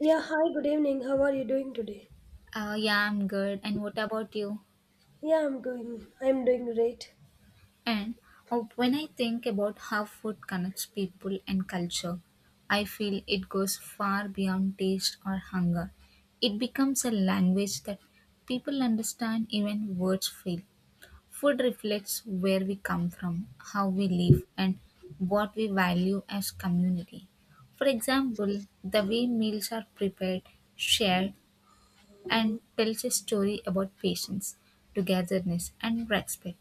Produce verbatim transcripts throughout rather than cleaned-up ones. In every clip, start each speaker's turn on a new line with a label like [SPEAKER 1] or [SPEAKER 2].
[SPEAKER 1] Yeah, hi, good evening. How are you doing today?
[SPEAKER 2] Uh, yeah, I'm good. And what about you?
[SPEAKER 1] Yeah, I'm going. I'm doing great.
[SPEAKER 2] And Oh, when I think about how food connects people and culture, I feel it goes far beyond taste or hunger. It becomes a language that people understand, even words fail. Food reflects where we come from, how we live, and what we value as community. For example, the way meals are prepared, shared, and tells a story about patience, togetherness, and respect.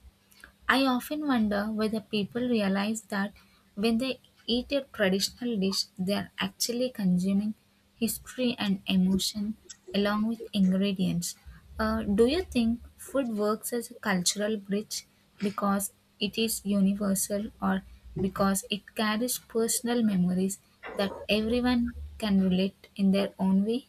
[SPEAKER 2] I often wonder whether people realize that when they eat a traditional dish, they are actually consuming history and emotion along with ingredients. Uh, do you think food works as a cultural bridge because it is universal or because it carries personal memories that everyone can relate in their own way?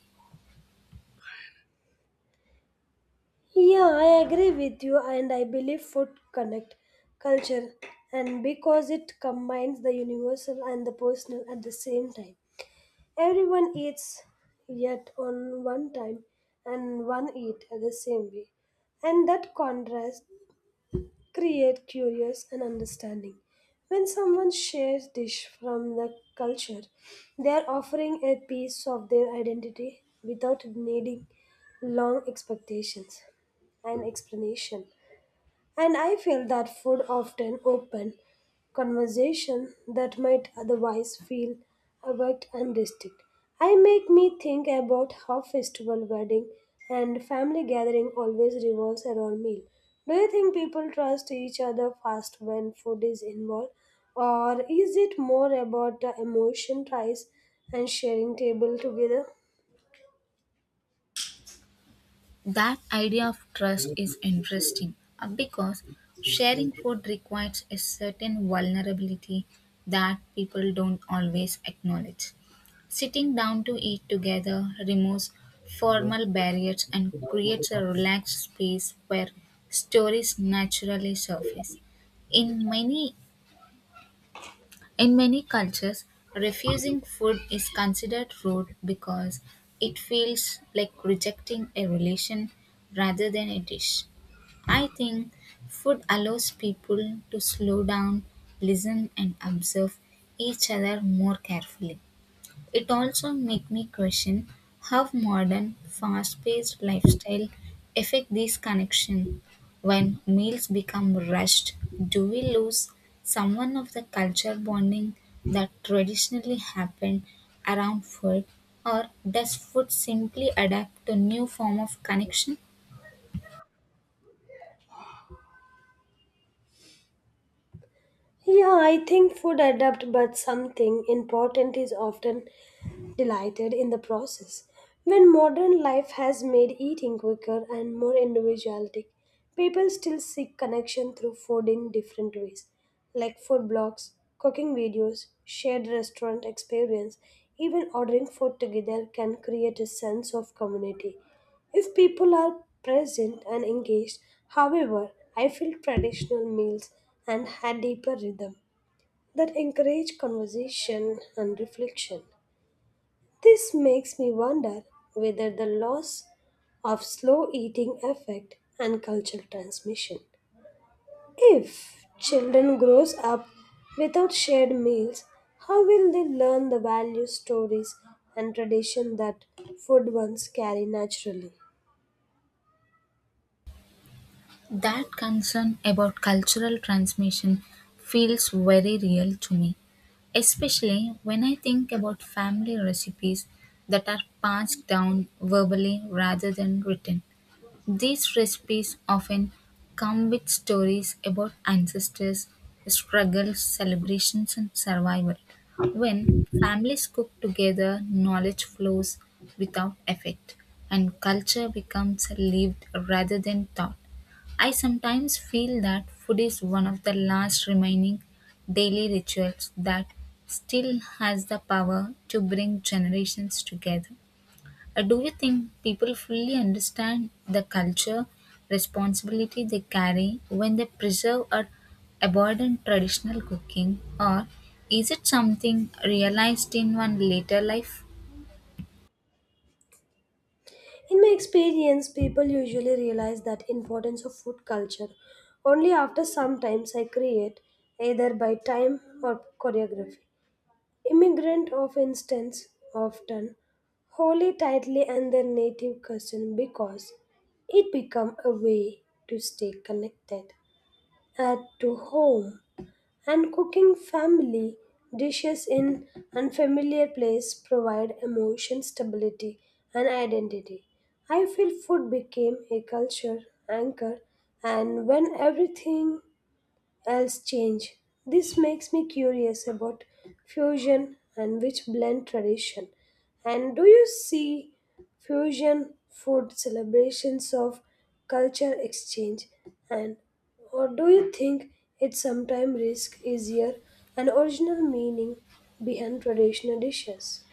[SPEAKER 1] Yeah, I agree with you, and I believe food connect culture, and because it combines the universal and the personal at the same time. Everyone eats yet on one time and one eat at the same way. And that contrast create curious and understanding. When someone shares dish from the culture, they are offering a piece of their identity without needing long expectations and explanation. And I feel that food often open conversation that might otherwise feel abrupt and distant. I make me think about how festival, wedding, and family gathering always revolves around meal. Do you think people trust each other fast when food is involved, or is it more about the emotion ties and sharing table together?
[SPEAKER 2] That idea of trust is interesting uh, because sharing food requires a certain vulnerability that people don't always acknowledge. Sitting down to eat together removes formal barriers and creates a relaxed space where stories naturally surface. In many in many cultures, refusing food is considered rude because it feels like rejecting a relation rather than a dish. I think food allows people to slow down, listen, and observe each other more carefully. It also made me question how modern, fast-paced lifestyle affect these connection. When meals become rushed, do we lose someone of the culture bonding that traditionally happened around food, or does food simply adapt to new form of connection?
[SPEAKER 1] Yeah, I think food adapt, but something important is often delighted in the process. When modern life has made eating quicker and more individualistic, people still seek connection through food in different ways, like food blogs, cooking videos, shared restaurant experience. Even ordering food together can create a sense of community. If people are present and engaged, however, I feel traditional meals and had deeper rhythm that encourage conversation and reflection. This makes me wonder whether the loss of slow eating effect and cultural transmission. If children grows up without shared meals, how will they learn the values, stories and tradition that food once carry naturally?
[SPEAKER 2] That concern about cultural transmission feels very real to me. Especially when I think about family recipes that are passed down verbally rather than written. These recipes often come with stories about ancestors, struggles, celebrations, and survival. When families cook together, knowledge flows without effect, and culture becomes lived rather than taught. I sometimes feel that food is one of the last remaining daily rituals that still has the power to bring generations together. Uh, Do you think people fully understand the culture responsibility they carry when they preserve or abandon traditional cooking, or is it something realized in one later life?
[SPEAKER 1] In my experience, people usually realize that importance of food culture only after sometimes I create either by time or choreography. Immigrant of instance often wholly tightly and their native custom because it become a way to stay connected at to home and cooking family dishes in unfamiliar place provide emotion stability and identity. I feel food became a culture anchor and when everything else change. This makes me curious about fusion and which blend tradition. And do you see fusion food celebrations of culture exchange and or do you think it sometimes risk easier an original meaning behind traditional dishes?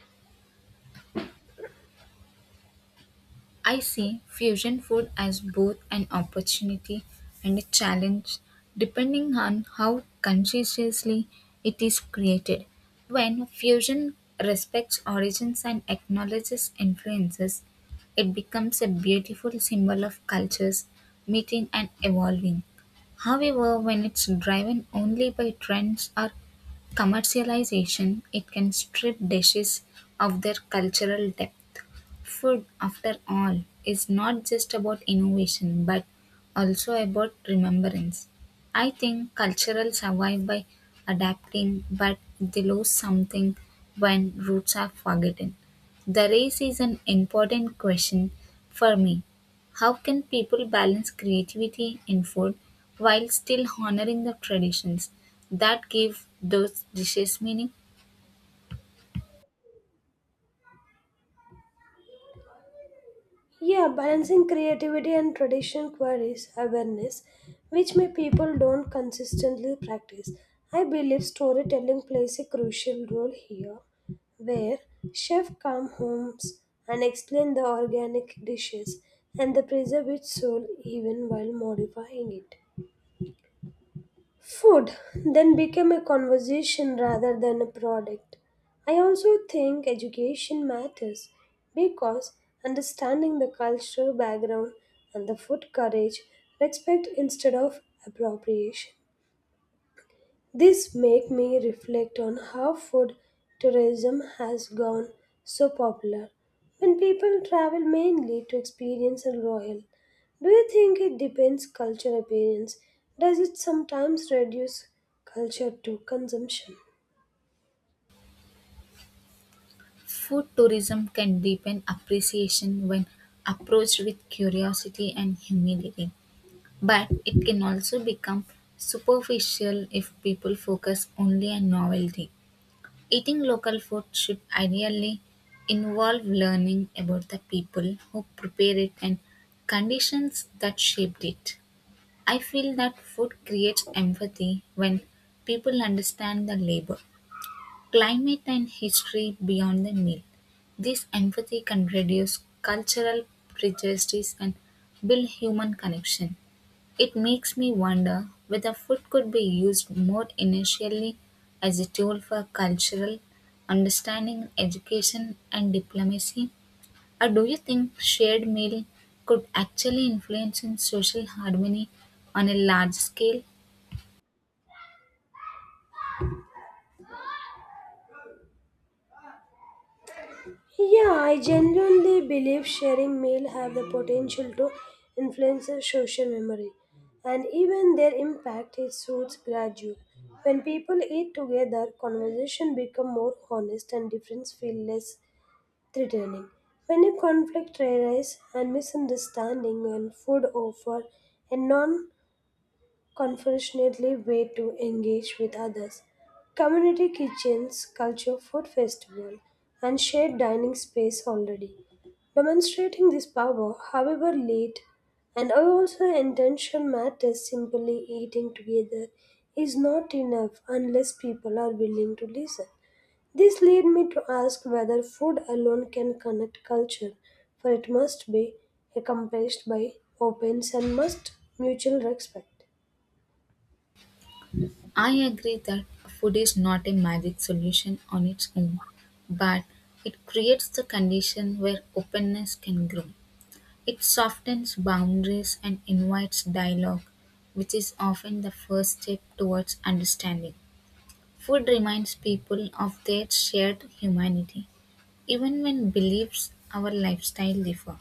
[SPEAKER 2] I see fusion food as both an opportunity and a challenge depending on how consciously it is created. When fusion respects origins and acknowledges influences, it becomes a beautiful symbol of cultures meeting and evolving. However, when it's driven only by trends or commercialization, it can strip dishes of their cultural depth. Food, after all, is not just about innovation but also about remembrance. I think cultural survive by adapting, but they lose something when roots are forgotten. The race is an important question for me. How can people balance creativity in food while still honoring the traditions that give those dishes meaning?
[SPEAKER 1] Yeah, balancing creativity and tradition queries awareness, which may people don't consistently practice. I believe storytelling plays a crucial role here, where chef come homes and explain the organic dishes and they preserve its soul even while modifying it. Food then became a conversation rather than a product. I also think education matters because understanding the cultural background and the food courage, respect instead of appropriation. This make me reflect on how food tourism has gone so popular when people travel mainly to experience a royal. Do you think it depends culture appearance? Does it sometimes reduce culture to consumption?
[SPEAKER 2] Food tourism can deepen appreciation when approached with curiosity and humility, but it can also become superficial if people focus only on novelty. Eating local food should ideally involve learning about the people who prepare it and conditions that shaped it. I feel that food creates empathy when people understand the labor. Climate and history beyond the Nile. This empathy can reduce cultural prejudice and build human connection. It makes me wonder whether food could be used more initially as a tool for cultural understanding, education, and diplomacy. Or do you think shared meal could actually influence in social harmony on a large scale?
[SPEAKER 1] Yeah, I genuinely believe sharing meal have the potential to influence our social memory, and even their impact is suits gradual. When people eat together, conversation become more honest and difference feel less threatening. When a conflict arises and misunderstanding and food offer a non unfortunately, way to engage with others. Community kitchens, culture food festival, and shared dining space already. Demonstrating this power, however late, and also intention matters simply eating together is not enough unless people are willing to listen. This led me to ask whether food alone can connect culture, for it must be accomplished by openness and must mutual respect.
[SPEAKER 2] I agree that food is not a magic solution on its own, but it creates the condition where openness can grow. It softens boundaries and invites dialogue, which is often the first step towards understanding. Food reminds people of their shared humanity even when beliefs our lifestyle differ.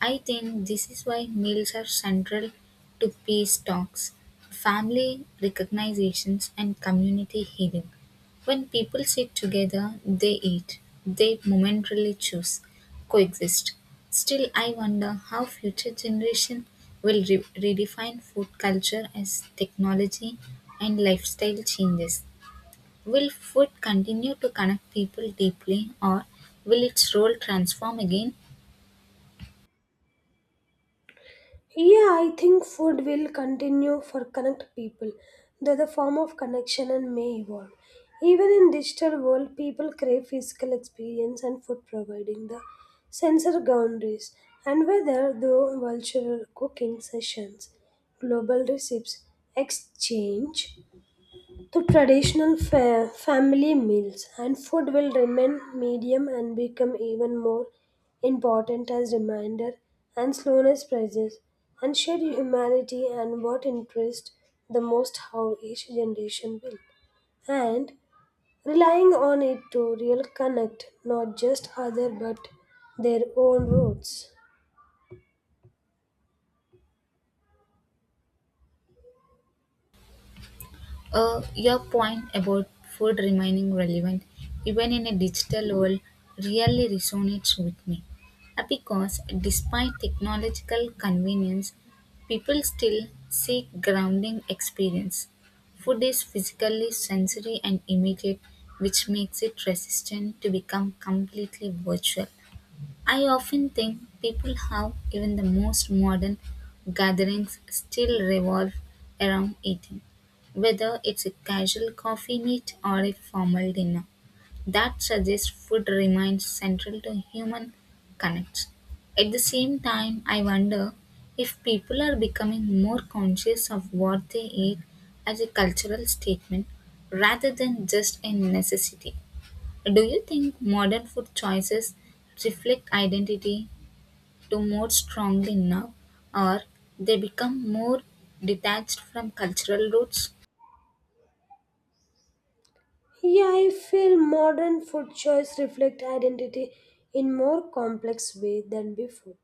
[SPEAKER 2] I think this is why meals are central to peace talks, family recognitions, and community healing. When people sit together, they eat, they momentarily choose, coexist. Still, I wonder how future generation will re- redefine food culture as technology and lifestyle changes. Will food continue to connect people deeply or will its role transform again?
[SPEAKER 1] Yeah, I think food will continue for connect people, though the form of connection and may evolve. Even in digital world, people crave physical experience and food providing the sensor boundaries. And whether through virtual cooking sessions, global recipes, exchange, the traditional fa- family meals and food will remain medium and become even more important as reminder and slowness prices and shared humanity and what interests the most how each generation will and relying on it to real connect not just other but their own roots.
[SPEAKER 2] Uh, your point about food remaining relevant even in a digital world really resonates with me, Uh, because despite technological convenience, people still seek grounding experience. Food is physically sensory and immediate, which makes it resistant to become completely virtual. I often think people how even the most modern gatherings still revolve around eating, whether it's a casual coffee meet or a formal dinner. That suggests food remains central to human connects. At the same time, I wonder if people are becoming more conscious of what they eat as a cultural statement rather than just a necessity. Do you think modern food choices reflect identity to more strongly now, or they become more detached from cultural roots?
[SPEAKER 1] Yeah, I feel modern food choice reflect identity in more complex way than before.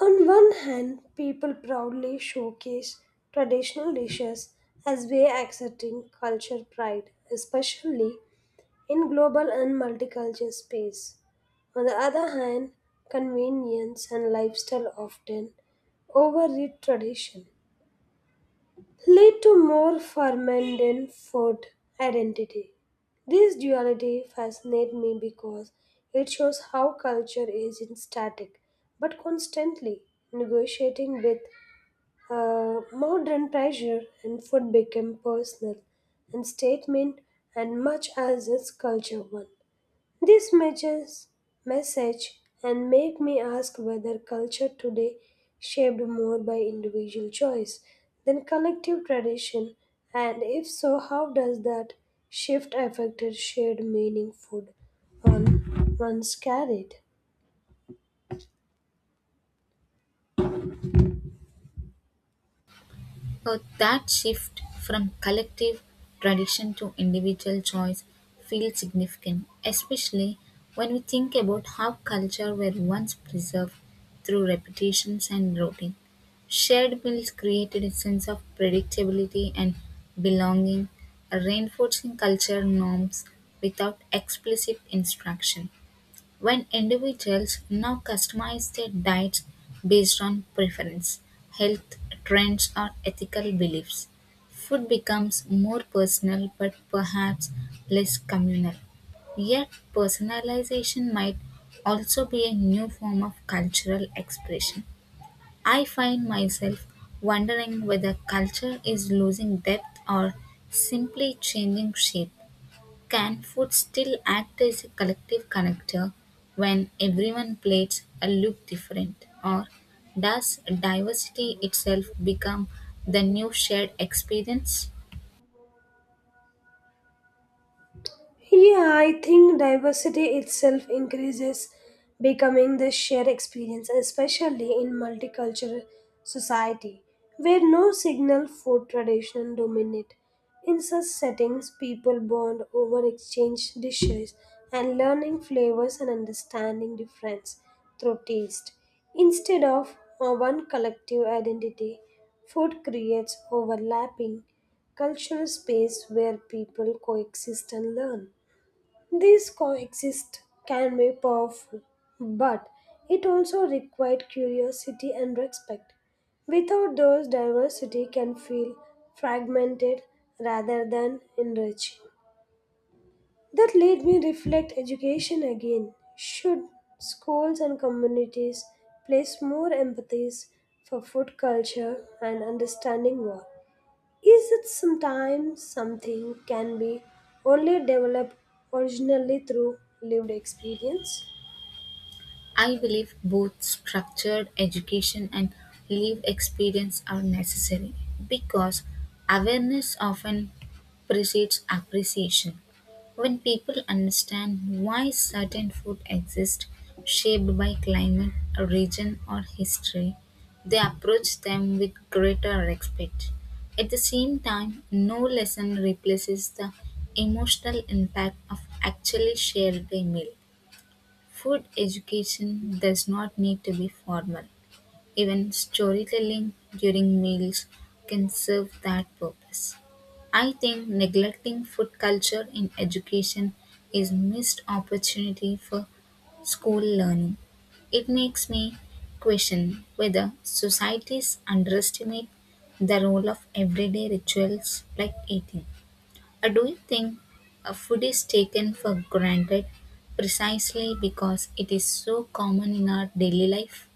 [SPEAKER 1] On one hand, people proudly showcase traditional dishes as way accepting culture pride, especially in global and multicultural space. On the other hand, convenience and lifestyle often overread tradition, lead to more fermented food identity. This duality fascinates me because it shows how culture isn't static but constantly negotiating with uh, modern pressure, and food became personal and statement and much as its culture one. This matches message and make me ask whether culture today shaped more by individual choice than collective tradition and if so how does that shift affect shared meaning food on one's carried?
[SPEAKER 2] But that shift from collective tradition to individual choice feels significant, especially when we think about how culture were once preserved through repetitions and routine. Shared meals created a sense of predictability and belonging, reinforcing culture norms without explicit instruction when individuals now customize their diets based on preference, health trends, or ethical beliefs, food becomes more personal but perhaps less communal. Yet, personalization might also be a new form of cultural expression. I find myself wondering whether culture is losing depth or simply changing shape. Can food still act as a collective connector when everyone plates a look different? Or does diversity itself become the new shared experience?
[SPEAKER 1] Yeah, I think diversity itself increases becoming the shared experience, especially in multicultural society, where no single food tradition dominate. In such settings, people bond over exchange dishes and learning flavors and understanding difference through taste. Instead of uh, one collective identity, food creates overlapping cultural space where people coexist and learn. These coexist can be powerful, but it also required curiosity and respect. Without those, diversity can feel fragmented rather than enriching. That made me reflect education again. Should schools and communities place more empathies for food culture and understanding war? Is it sometimes something can be only developed originally through lived experience?
[SPEAKER 2] I believe both structured education and lived experience are necessary because awareness often precedes appreciation. When people understand why certain food exists, shaped by climate, region, or history, they approach them with greater respect. At the same time, no lesson replaces the emotional impact of actually shared a meal. Food education does not need to be formal; even storytelling during meals can serve that purpose. I think neglecting food culture in education is missed opportunity for school learning. It makes me question whether societies underestimate the role of everyday rituals like eating. Uh, Do you think uh, food is taken for granted precisely because it is so common in our daily life?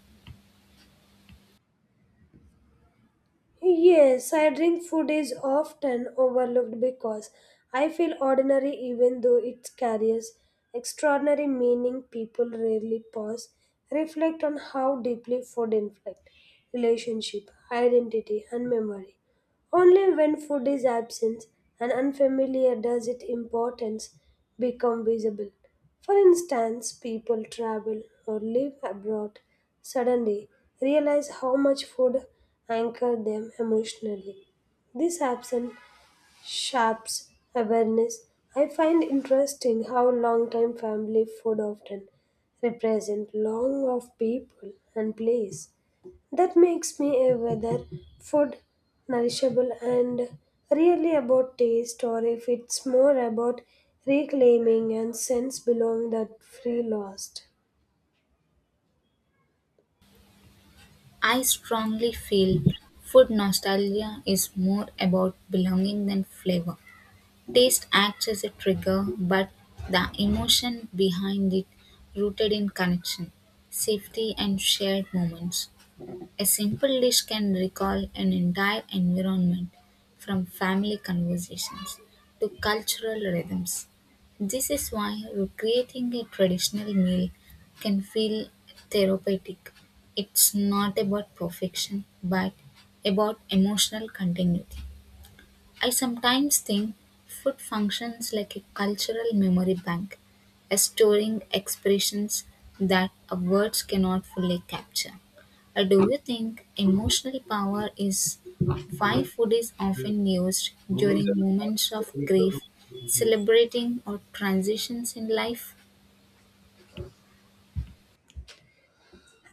[SPEAKER 1] Yes, I drink food is often overlooked because I feel ordinary even though it carries extraordinary meaning. People rarely pause, reflect on how deeply food influences relationship, identity, and memory. Only when food is absent and unfamiliar does its importance become visible. For instance, people travel or live abroad suddenly realize how much food anchored them emotionally. This absence sharps awareness. I find interesting how long-time family food often represent long of people and place. That makes me aware that food nourishable and really about taste or if it's more about reclaiming and sense belong that free lost.
[SPEAKER 2] I strongly feel food nostalgia is more about belonging than flavor. Taste acts as a trigger, but the emotion behind it rooted in connection, safety, and shared moments. A simple dish can recall an entire environment, from family conversations to cultural rhythms. This is why recreating a traditional meal can feel therapeutic. It's not about perfection, but about emotional continuity. I sometimes think food functions like a cultural memory bank, storing expressions that words cannot fully capture. Uh, Do you think emotional power is why food is often used during moments of grief, celebrating, or transitions in life?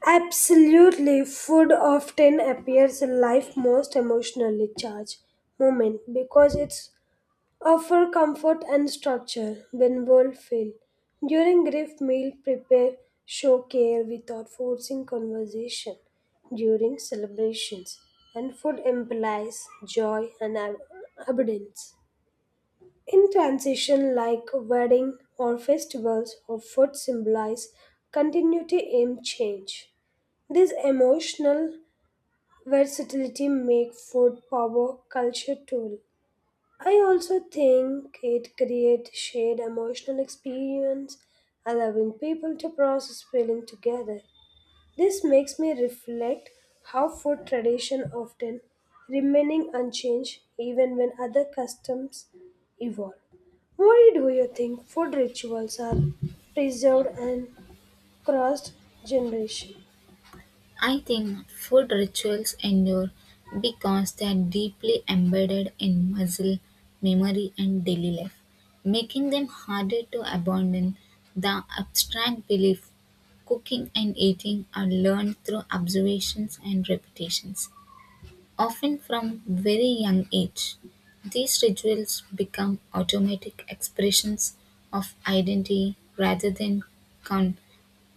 [SPEAKER 1] Absolutely, food often appears in life's most emotionally charged moment because it's offer comfort and structure when world fail. During grief meal, prepare, show care without forcing conversation. During celebrations, and food implies joy and ab- abundance. In transition, like wedding or festivals or food symbolize continuity in change. This emotional versatility make food power culture tool. I also think it creates shared emotional experience, allowing people to process feeling together. This makes me reflect how food tradition often remaining unchanged even when other customs evolve. Why do you think food rituals are preserved and crossed generation?
[SPEAKER 2] I think food rituals endure because they are deeply embedded in muscle memory and daily life, making them harder to abandon. The abstract belief cooking and eating are learned through observations and repetitions, often from very young age. These rituals become automatic expressions of identity rather than con-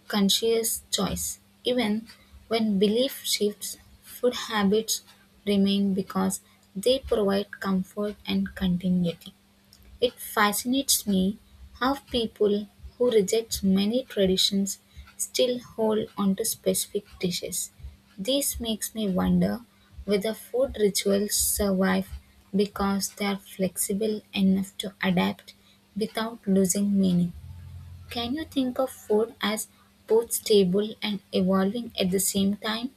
[SPEAKER 2] conscious choice. Even when belief shifts, food habits remain because they provide comfort and continuity. It fascinates me how people who reject many traditions still hold onto specific dishes. This makes me wonder whether food rituals survive because they are flexible enough to adapt without losing meaning. Can you think of food as both stable and evolving at the same time?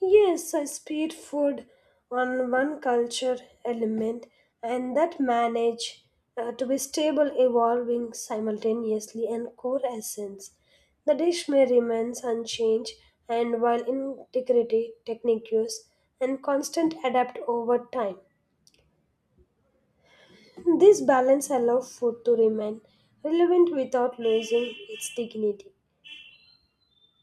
[SPEAKER 1] Yes, I spit food on one culture element and that manage uh, to be stable, evolving simultaneously and core essence. The dish may remain unchanged and while integrity, technique use and constant adapt over time. This balance allows food to remain relevant without losing its dignity.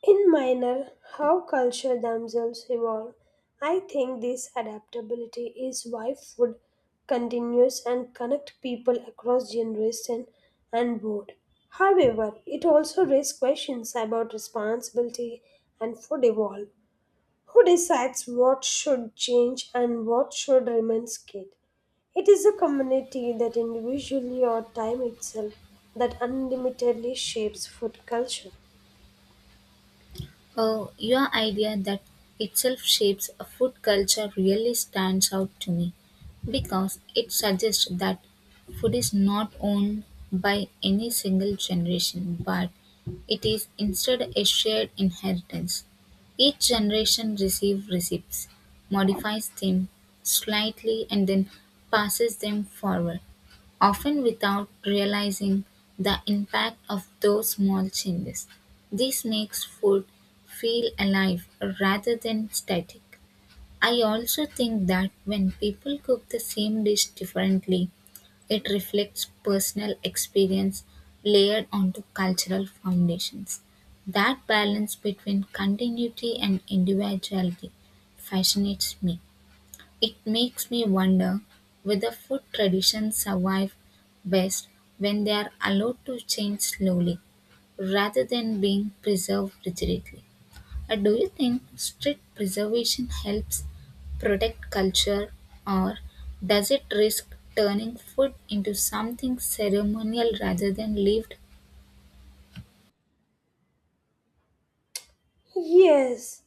[SPEAKER 1] In minor, how culture themselves evolve, I think this adaptability is why food continues and connect people across generation and board. However, it also raises questions about responsibility and food evolve. Who decides what should change and what should remain skate? It is a community that individually or time itself that unlimitedly shapes food culture.
[SPEAKER 2] Oh, your idea that itself shapes a food culture really stands out to me because it suggests that food is not owned by any single generation but it is instead a shared inheritance. Each generation receives recipes, modifies them slightly, and then passes them forward, often without realizing the impact of those small changes. This makes food feel alive rather than static. I also think that when people cook the same dish differently, it reflects personal experience layered onto cultural foundations. That balance between continuity and individuality fascinates me. It makes me wonder whether food traditions survive best when they are allowed to change slowly rather than being preserved rigidly. Uh, do you think strict preservation helps protect culture or does it risk turning food into something ceremonial rather than lived?
[SPEAKER 1] Yes,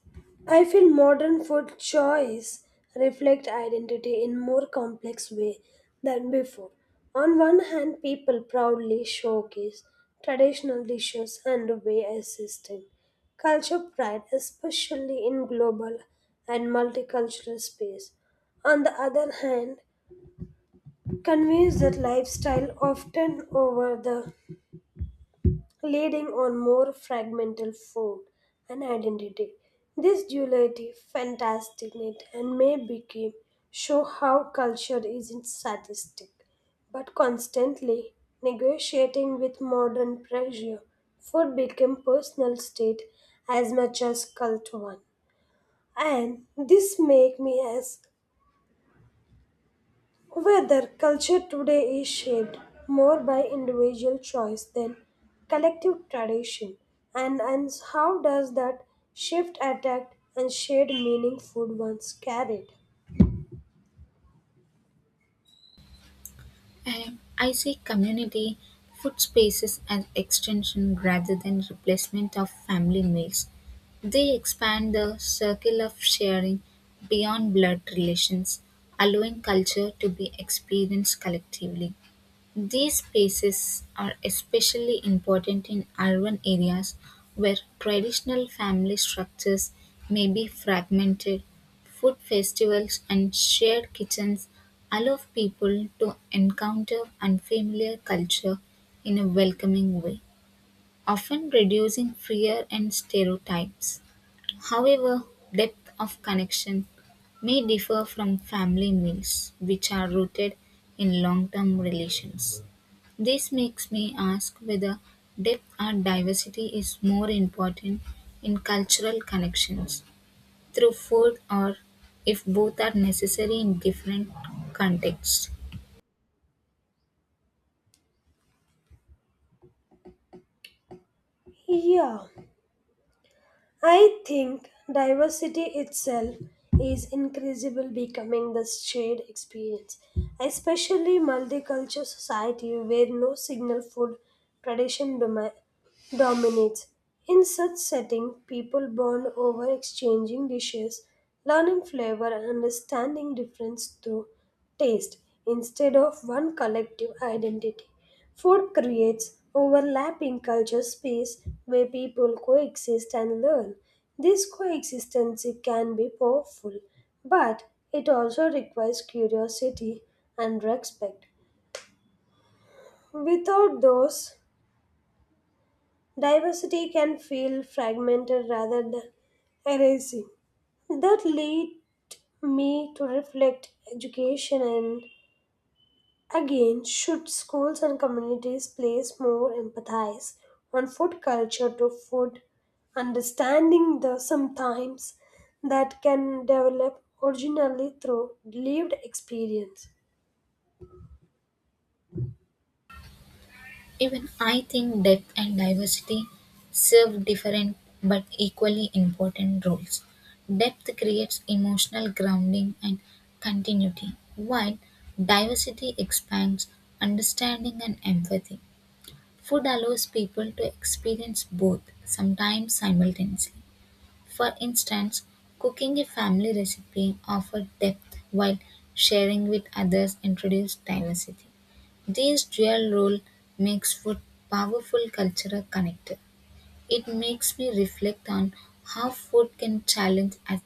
[SPEAKER 1] I feel modern food choice reflect identity in more complex way than before. On one hand, people proudly showcase traditional dishes and way a system. Culture pride, especially in global and multicultural space. On the other hand, conveys that lifestyle often over the leading on more fragmental form and identity. This duality fascinated and may became show how culture isn't statistic, but constantly negotiating with modern pressure, food became personal state as much as cult one. And this make me ask whether culture today is shaped more by individual choice than collective tradition, and, and how does that shift attack and shared meaning food once carried?
[SPEAKER 2] Um, I see community food spaces as extension rather than replacement of family meals. They expand the circle of sharing beyond blood relations, allowing culture to be experienced collectively. These spaces are especially important in urban areas where traditional family structures may be fragmented. Food festivals and shared kitchens allow people to encounter unfamiliar culture in a welcoming way, often reducing fear and stereotypes. However, depth of connection may differ from family meals, which are rooted in long term relations. This makes me ask whether depth or diversity is more important in cultural connections through food or if both are necessary in different contexts.
[SPEAKER 1] Yeah, I think diversity itself is increasingly becoming the shared experience, especially multicultural society where no single food tradition domi- dominates. In such setting, people bond over exchanging dishes, learning flavor and understanding difference through taste instead of one collective identity. Food creates overlapping culture space where people coexist and learn. This coexistence can be powerful, but it also requires curiosity and respect. Without those, diversity can feel fragmented rather than erasing. That lead me to reflect education and again should schools and communities place more empathize on food culture to food understanding the sometimes that can develop originally through lived experience.
[SPEAKER 2] Even I think depth and diversity serve different but equally important roles. Depth creates emotional grounding and continuity, while diversity expands understanding and empathy. Food allows people to experience both, sometimes simultaneously. For instance, cooking a family recipe offered depth while sharing with others introduced diversity. This dual role makes food powerful cultural connector. It makes me reflect on how food can challenge as-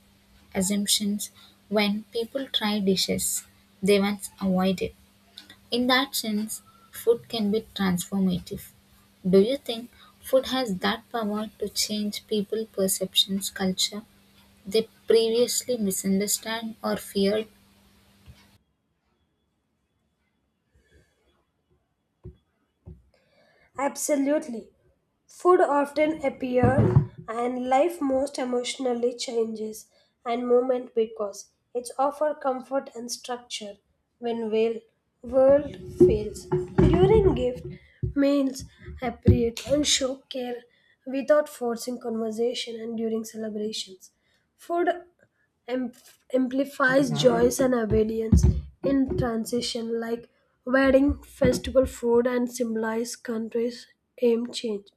[SPEAKER 2] assumptions when people try dishes they once avoided. In that sense, food can be transformative. Do you think food has that power to change people's perceptions, culture, they previously misunderstand or feared
[SPEAKER 1] Absolutely. Food often appears and life most emotionally changes and moment because it's offer comfort and structure when will world fails. During gift means appropriate and show care without forcing conversation and during celebrations. Food am- amplifies joys and obedience in transition, like wedding, festival food, and symbolize countries' aim change.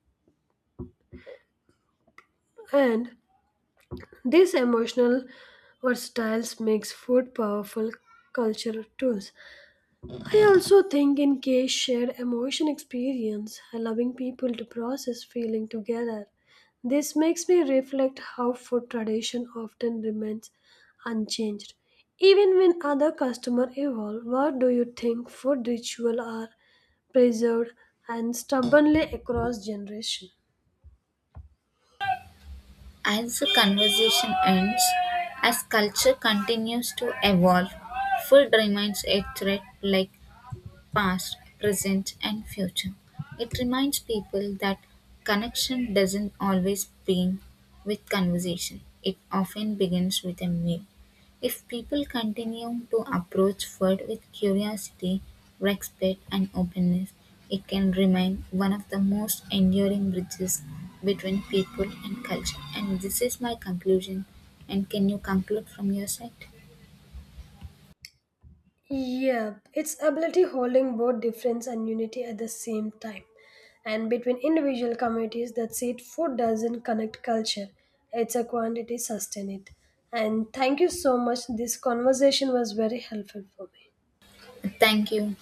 [SPEAKER 1] And this emotional versatiles makes food powerful cultural tools. I also think in case shared emotion experience, allowing people to process feeling together. This makes me reflect how food tradition often remains unchanged. Even when other customer evolve, what do you think food ritual are preserved and stubbornly across generation?
[SPEAKER 2] as the conversation ends. As culture continues to evolve, food remains a threat like past, present and future. It reminds people that connection doesn't always begin with conversation. It often begins with a meal. If people continue to approach food with curiosity, respect, and openness, it can remain one of the most enduring bridges between people and culture. And this is my conclusion. And can you conclude from your side?
[SPEAKER 1] Yeah, it's ability holding both difference and unity at the same time. And between individual communities that said food doesn't connect culture, it's a quantity sustain it. And thank you so much. This conversation was very helpful for me.
[SPEAKER 2] Thank you.